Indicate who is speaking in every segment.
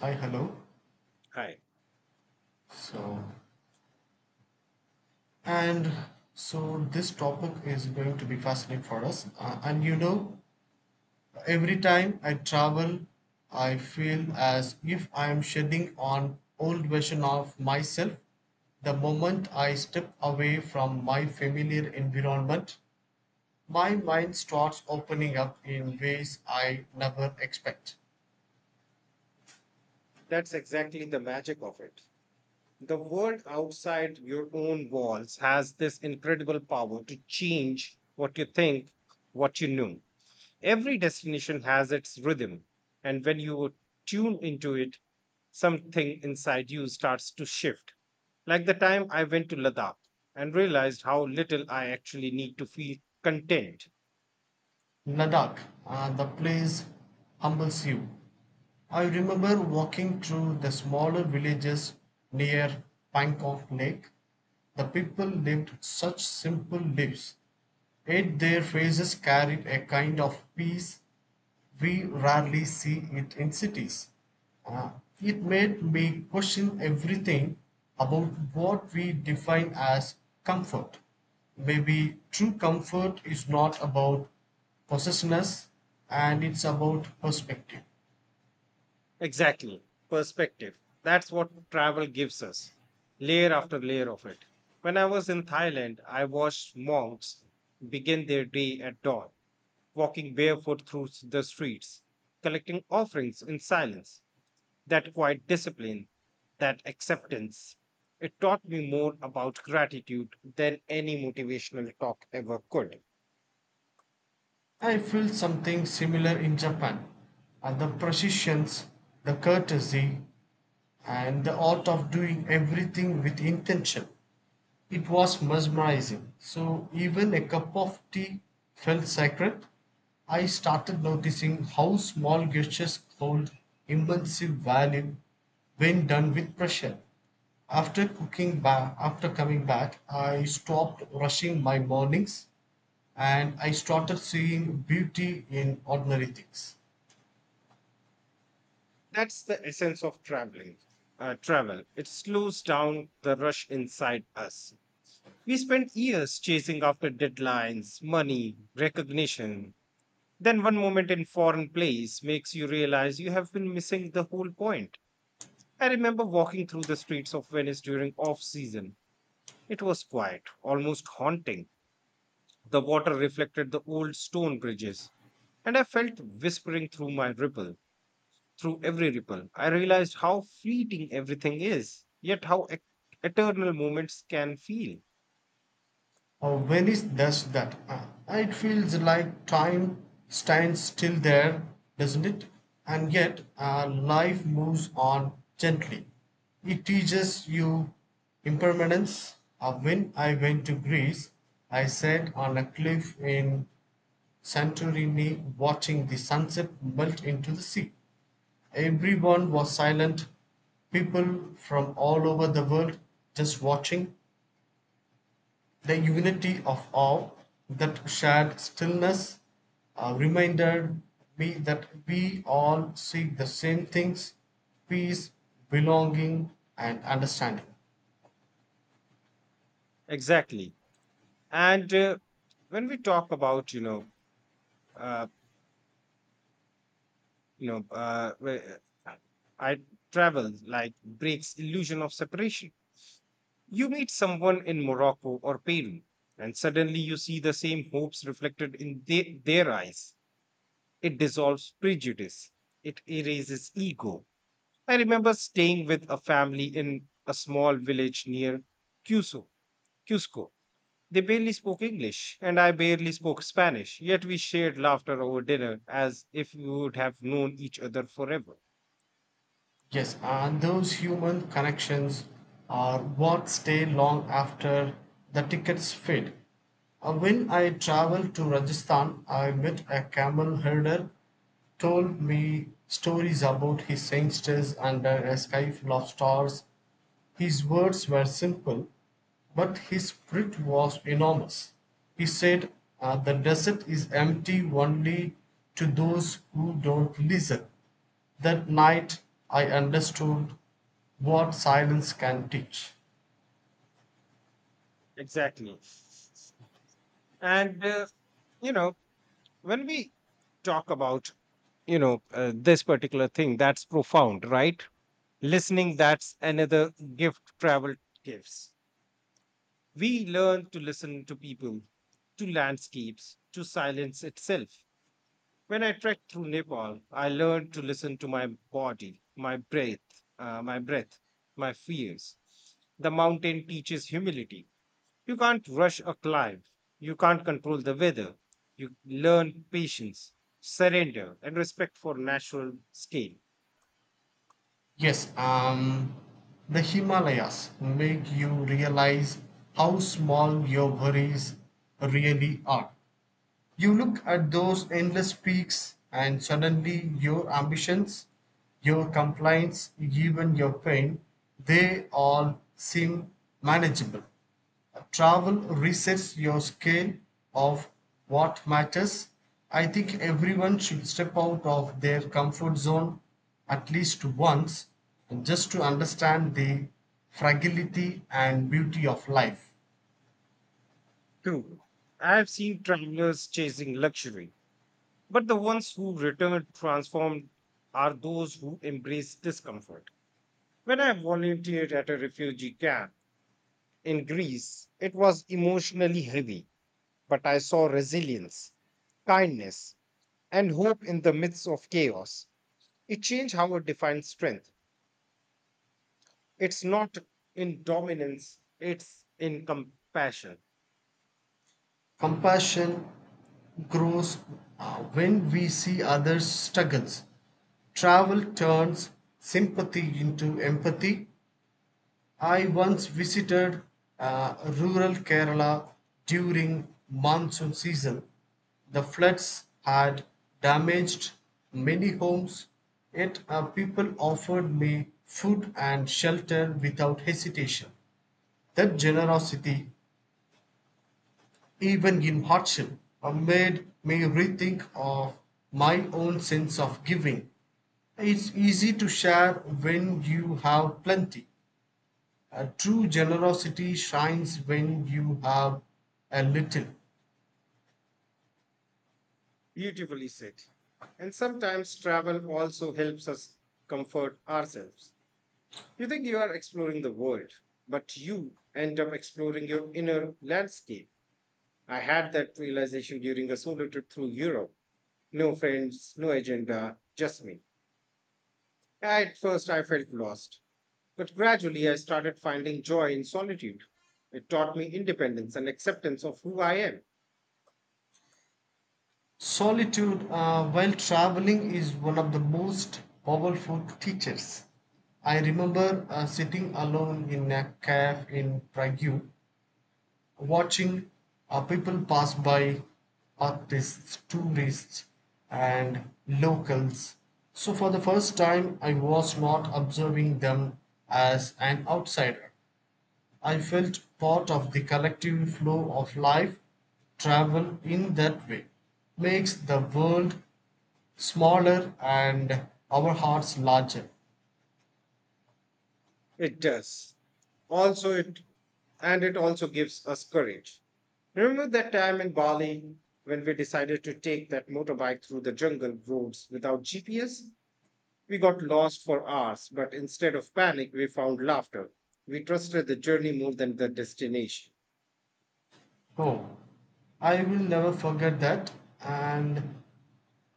Speaker 1: Hi, hello.
Speaker 2: Right.
Speaker 1: So, and so this topic is going to be fascinating for us. Every time I travel, I feel as if I am shedding on old version of myself. The moment I step away from my familiar environment, my mind starts opening up in ways I never expect.
Speaker 2: That's exactly the magic of it. The world outside your own walls has this incredible power to change what you think, what you know. Every destination has its rhythm. And when you tune into it, something inside you starts to shift. Like the time I went to Ladakh and realized how little I actually need to feel content.
Speaker 1: Ladakh, the place humbles you. I remember walking through the smaller villages near Pankok Lake. The people lived such simple lives, yet their faces carried a kind of peace we rarely see it in cities. Uh, it made me question everything about what we define as comfort. Maybe true comfort is not about possessiveness and it's about perspective.
Speaker 2: Exactly. Perspective. That's what travel gives us. Layer after layer of it. When I was in Thailand, I watched monks begin their day at dawn, walking barefoot through the streets, collecting offerings in silence. That quiet discipline, that acceptance, it taught me more about gratitude than any motivational talk ever could.
Speaker 1: I feel something similar in Japan. And the precision, the courtesy, and the art of doing everything with intention. It was mesmerizing. So even a cup of tea felt sacred. I started noticing how small gestures hold immense value when done with pressure. After cooking back, after coming back, I stopped rushing my mornings and I started seeing beauty in ordinary things.
Speaker 2: That's the essence of traveling. Travel. It slows down the rush inside us. We spent years chasing after deadlines, money, recognition. Then one moment in foreign place makes you realize you have been missing the whole point. I remember walking through the streets of Venice during off season. It was quiet, almost haunting. The water reflected the old stone bridges, and I felt whispering through my ripple, through every ripple. I realized how fleeting everything is, yet how eternal moments can feel.
Speaker 1: Venice does that. It feels like time stands still there, doesn't it? And yet, life moves on gently. It teaches you impermanence. When I went to Greece, I sat on a cliff in Santorini watching the sunset melt into the sea. Everyone was silent, people from all over the world just watching. The unity of all that shared stillness reminded me that we all seek the same things: peace, belonging, and understanding.
Speaker 2: Exactly. And when we talk about, uh, you know, uh, wh- uh, I travel like breaks illusion of separation. You meet someone in Morocco or Peru, and suddenly you see the same hopes reflected in their eyes. It dissolves prejudice. It erases ego. I remember staying with a family in a small village near Cusco, Cusco. They barely spoke English, and I barely spoke Spanish, yet we shared laughter over dinner as if we would have known each other forever.
Speaker 1: Yes, and those human connections are what stay long after the tickets fade. When I traveled to Rajasthan, I met a camel herder, told me stories about his sangsters under a sky full of stars. His words were simple, but his spirit was enormous. He said, the desert is empty only to those who don't listen. That night I understood what silence can teach.
Speaker 2: Exactly. And you know, when we talk about, this particular thing, that's profound, right? Listening, that's another gift travel gives. We learn to listen to people, to landscapes, to silence itself. When I trekked through Nepal, I learned to listen to my body, my breath, uh, my breath, my fears. The mountain teaches humility. You can't rush a climb. You can't control the weather. You learn patience, surrender, and respect for natural scale.
Speaker 1: Yes, the Himalayas make you realize how small your worries really are. You look at those endless peaks, and suddenly your ambitions, your complaints, even your pain, they all seem manageable. Travel resets your scale of what matters. I think everyone should step out of their comfort zone at least once just to understand the fragility and beauty of life.
Speaker 2: Two, I have seen travelers chasing luxury, but the ones who return transformed are those who embrace discomfort. When I volunteered at a refugee camp, in Greece, it was emotionally heavy, but I saw resilience, kindness, and hope in the midst of chaos. It changed how I define strength. It's not in dominance, it's in compassion.
Speaker 1: Compassion grows when we see others' struggles. Travel turns sympathy into empathy. I once visited rural Kerala during monsoon season. The floods had damaged many homes, yet people offered me food and shelter without hesitation. That generosity, even in hardship, a made may rethink of my own sense of giving. It's easy to share when you have plenty. A true generosity shines when you have a little.
Speaker 2: Beautifully said. And sometimes travel also helps us comfort ourselves. You think you are exploring the world, but you end up exploring your inner landscape. I had that realization during a solo trip through Europe. No friends, no agenda, just me. At first, I felt lost, but gradually I started finding joy in solitude. It taught me independence and acceptance of who I am.
Speaker 1: Solitude while traveling is one of the most powerful teachers. I remember sitting alone in a cave in Prague, watching are people pass by, artists, tourists, and locals. So, for the first time, I was not observing them as an outsider. I felt part of the collective flow of life. Travel in that way makes the world smaller and our hearts larger.
Speaker 2: It does. Also, it also gives us courage. Remember that time in Bali when we decided to take that motorbike through the jungle roads without GPS? We got lost for hours, but instead of panic, we found laughter. We trusted the journey more than the destination.
Speaker 1: Oh, I will never forget that, and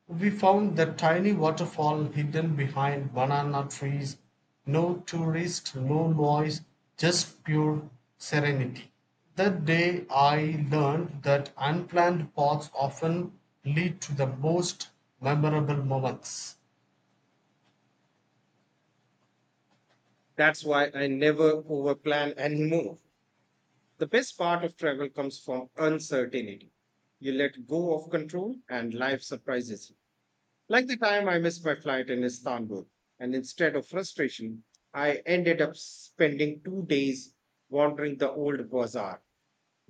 Speaker 1: we found that tiny waterfall hidden behind banana trees, no tourists, no noise, just pure serenity. That day I learned that unplanned paths often lead to the most memorable moments.
Speaker 2: That's why I never overplan anymore. The best part of travel comes from uncertainty. You let go of control and life surprises you. Like the time I missed my flight in Istanbul, and instead of frustration, I ended up spending 2 days wandering the old bazaar,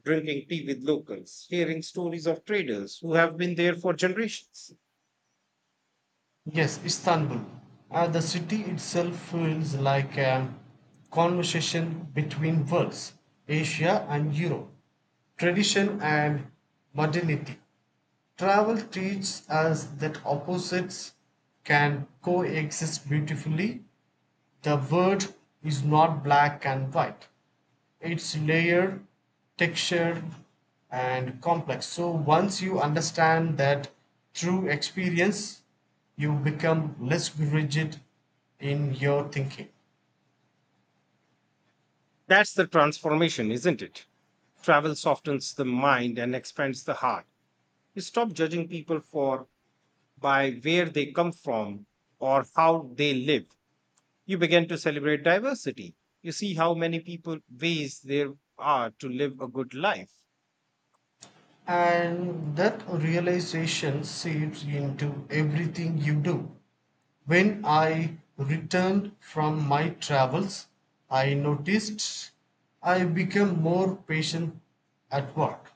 Speaker 2: drinking tea with locals, hearing stories of traders who have been there for generations.
Speaker 1: Yes, Istanbul. The city itself feels like a conversation between worlds, Asia and Europe, tradition and modernity. Travel teaches us that opposites can coexist beautifully. The world is not black and white. It's layered, textured, and complex. So once you understand that through experience, you become less rigid in your thinking.
Speaker 2: That's the transformation, isn't it? Travel softens the mind and expands the heart. You stop judging people for by where they come from or how they live. You begin to celebrate diversity. You see how many people ways there are to live a good life.
Speaker 1: And that realization seeps into everything you do. When I returned from my travels, I noticed I became more patient at work,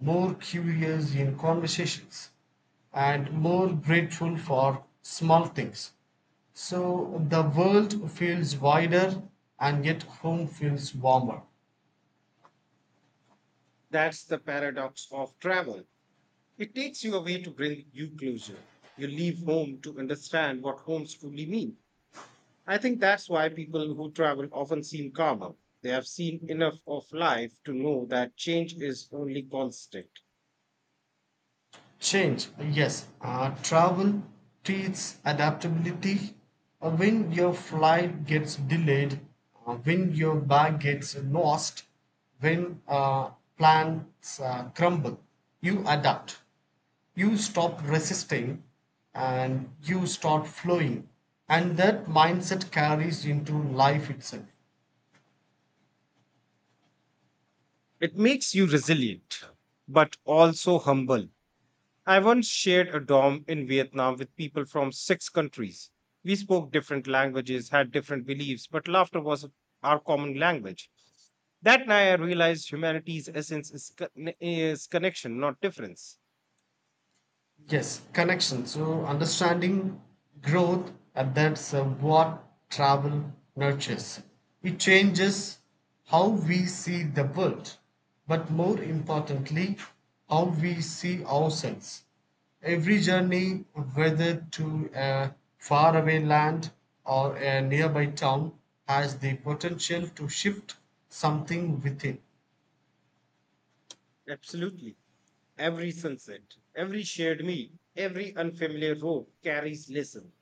Speaker 1: more curious in conversations, and more grateful for small things. So the world feels wider and yet home feels warmer.
Speaker 2: That's the paradox of travel. It takes you away to bring you closer. You leave home to understand what homes truly mean. I think that's why people who travel often seem calmer. They have seen enough of life to know that change is only constant.
Speaker 1: Change, yes. Travel teaches adaptability. When your flight gets delayed, when your bag gets lost, when plans crumble, you adapt. You stop resisting and you start flowing. And that mindset carries into life itself.
Speaker 2: It makes you resilient, but also humble. I once shared a dorm in Vietnam with people from six countries. We spoke different languages, had different beliefs, but laughter was our common language. That night I realized humanity's essence is connection, not difference.
Speaker 1: Yes, connection. So understanding growth, and that's what travel nurtures. It changes how we see the world, but more importantly, how we see ourselves. Every journey, whether to a faraway land or a nearby town, has the potential to shift something within.
Speaker 2: Absolutely. Every sunset, every shared meal, every unfamiliar road carries lesson.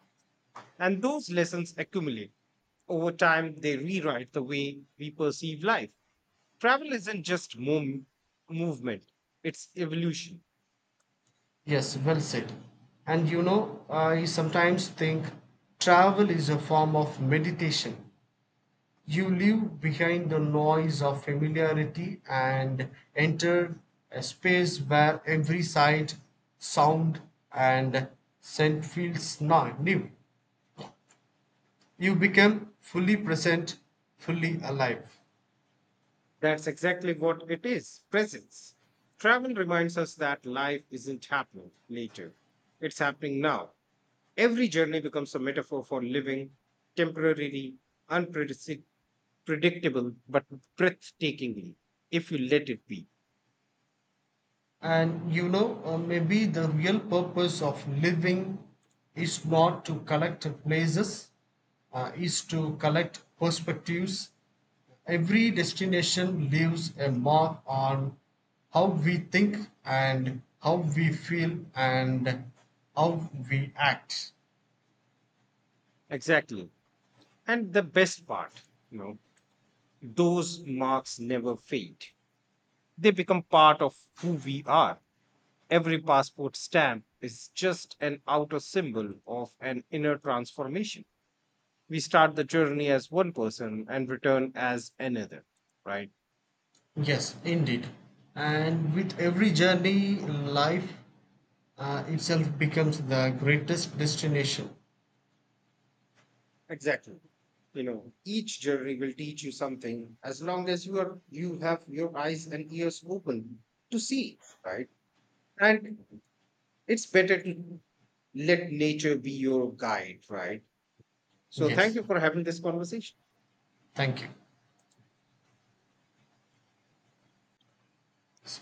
Speaker 2: And those lessons accumulate. Over time, they rewrite the way we perceive life. Travel isn't just movement, it's evolution.
Speaker 1: Yes, well said. And you know, I sometimes think travel is a form of meditation. You leave behind the noise of familiarity and enter a space where every sight, sound, and scent feels new. You become fully present, fully alive.
Speaker 2: That's exactly what it is presence. Travel reminds us that life isn't happening later, it's happening now. Every journey becomes a metaphor for living temporarily, unpredictable, but breathtakingly, if you let it be.
Speaker 1: And you know, maybe the real purpose of living is not to collect places, is to collect perspectives. Every destination leaves a mark on how we think and how we feel and how we act.
Speaker 2: Exactly. And the best part, you know, those marks never fade. They become part of who we are. Every passport stamp is just an outer symbol of an inner transformation. We start the journey as one person and return as another, right?
Speaker 1: Yes, indeed. And with every journey, life itself becomes the greatest destination.
Speaker 2: Exactly. You know, each journey will teach you something as long as you have your eyes and ears open to see, right? And it's better to let nature be your guide, right? So thank
Speaker 1: Yes,
Speaker 2: you for having this conversation.
Speaker 1: thank you.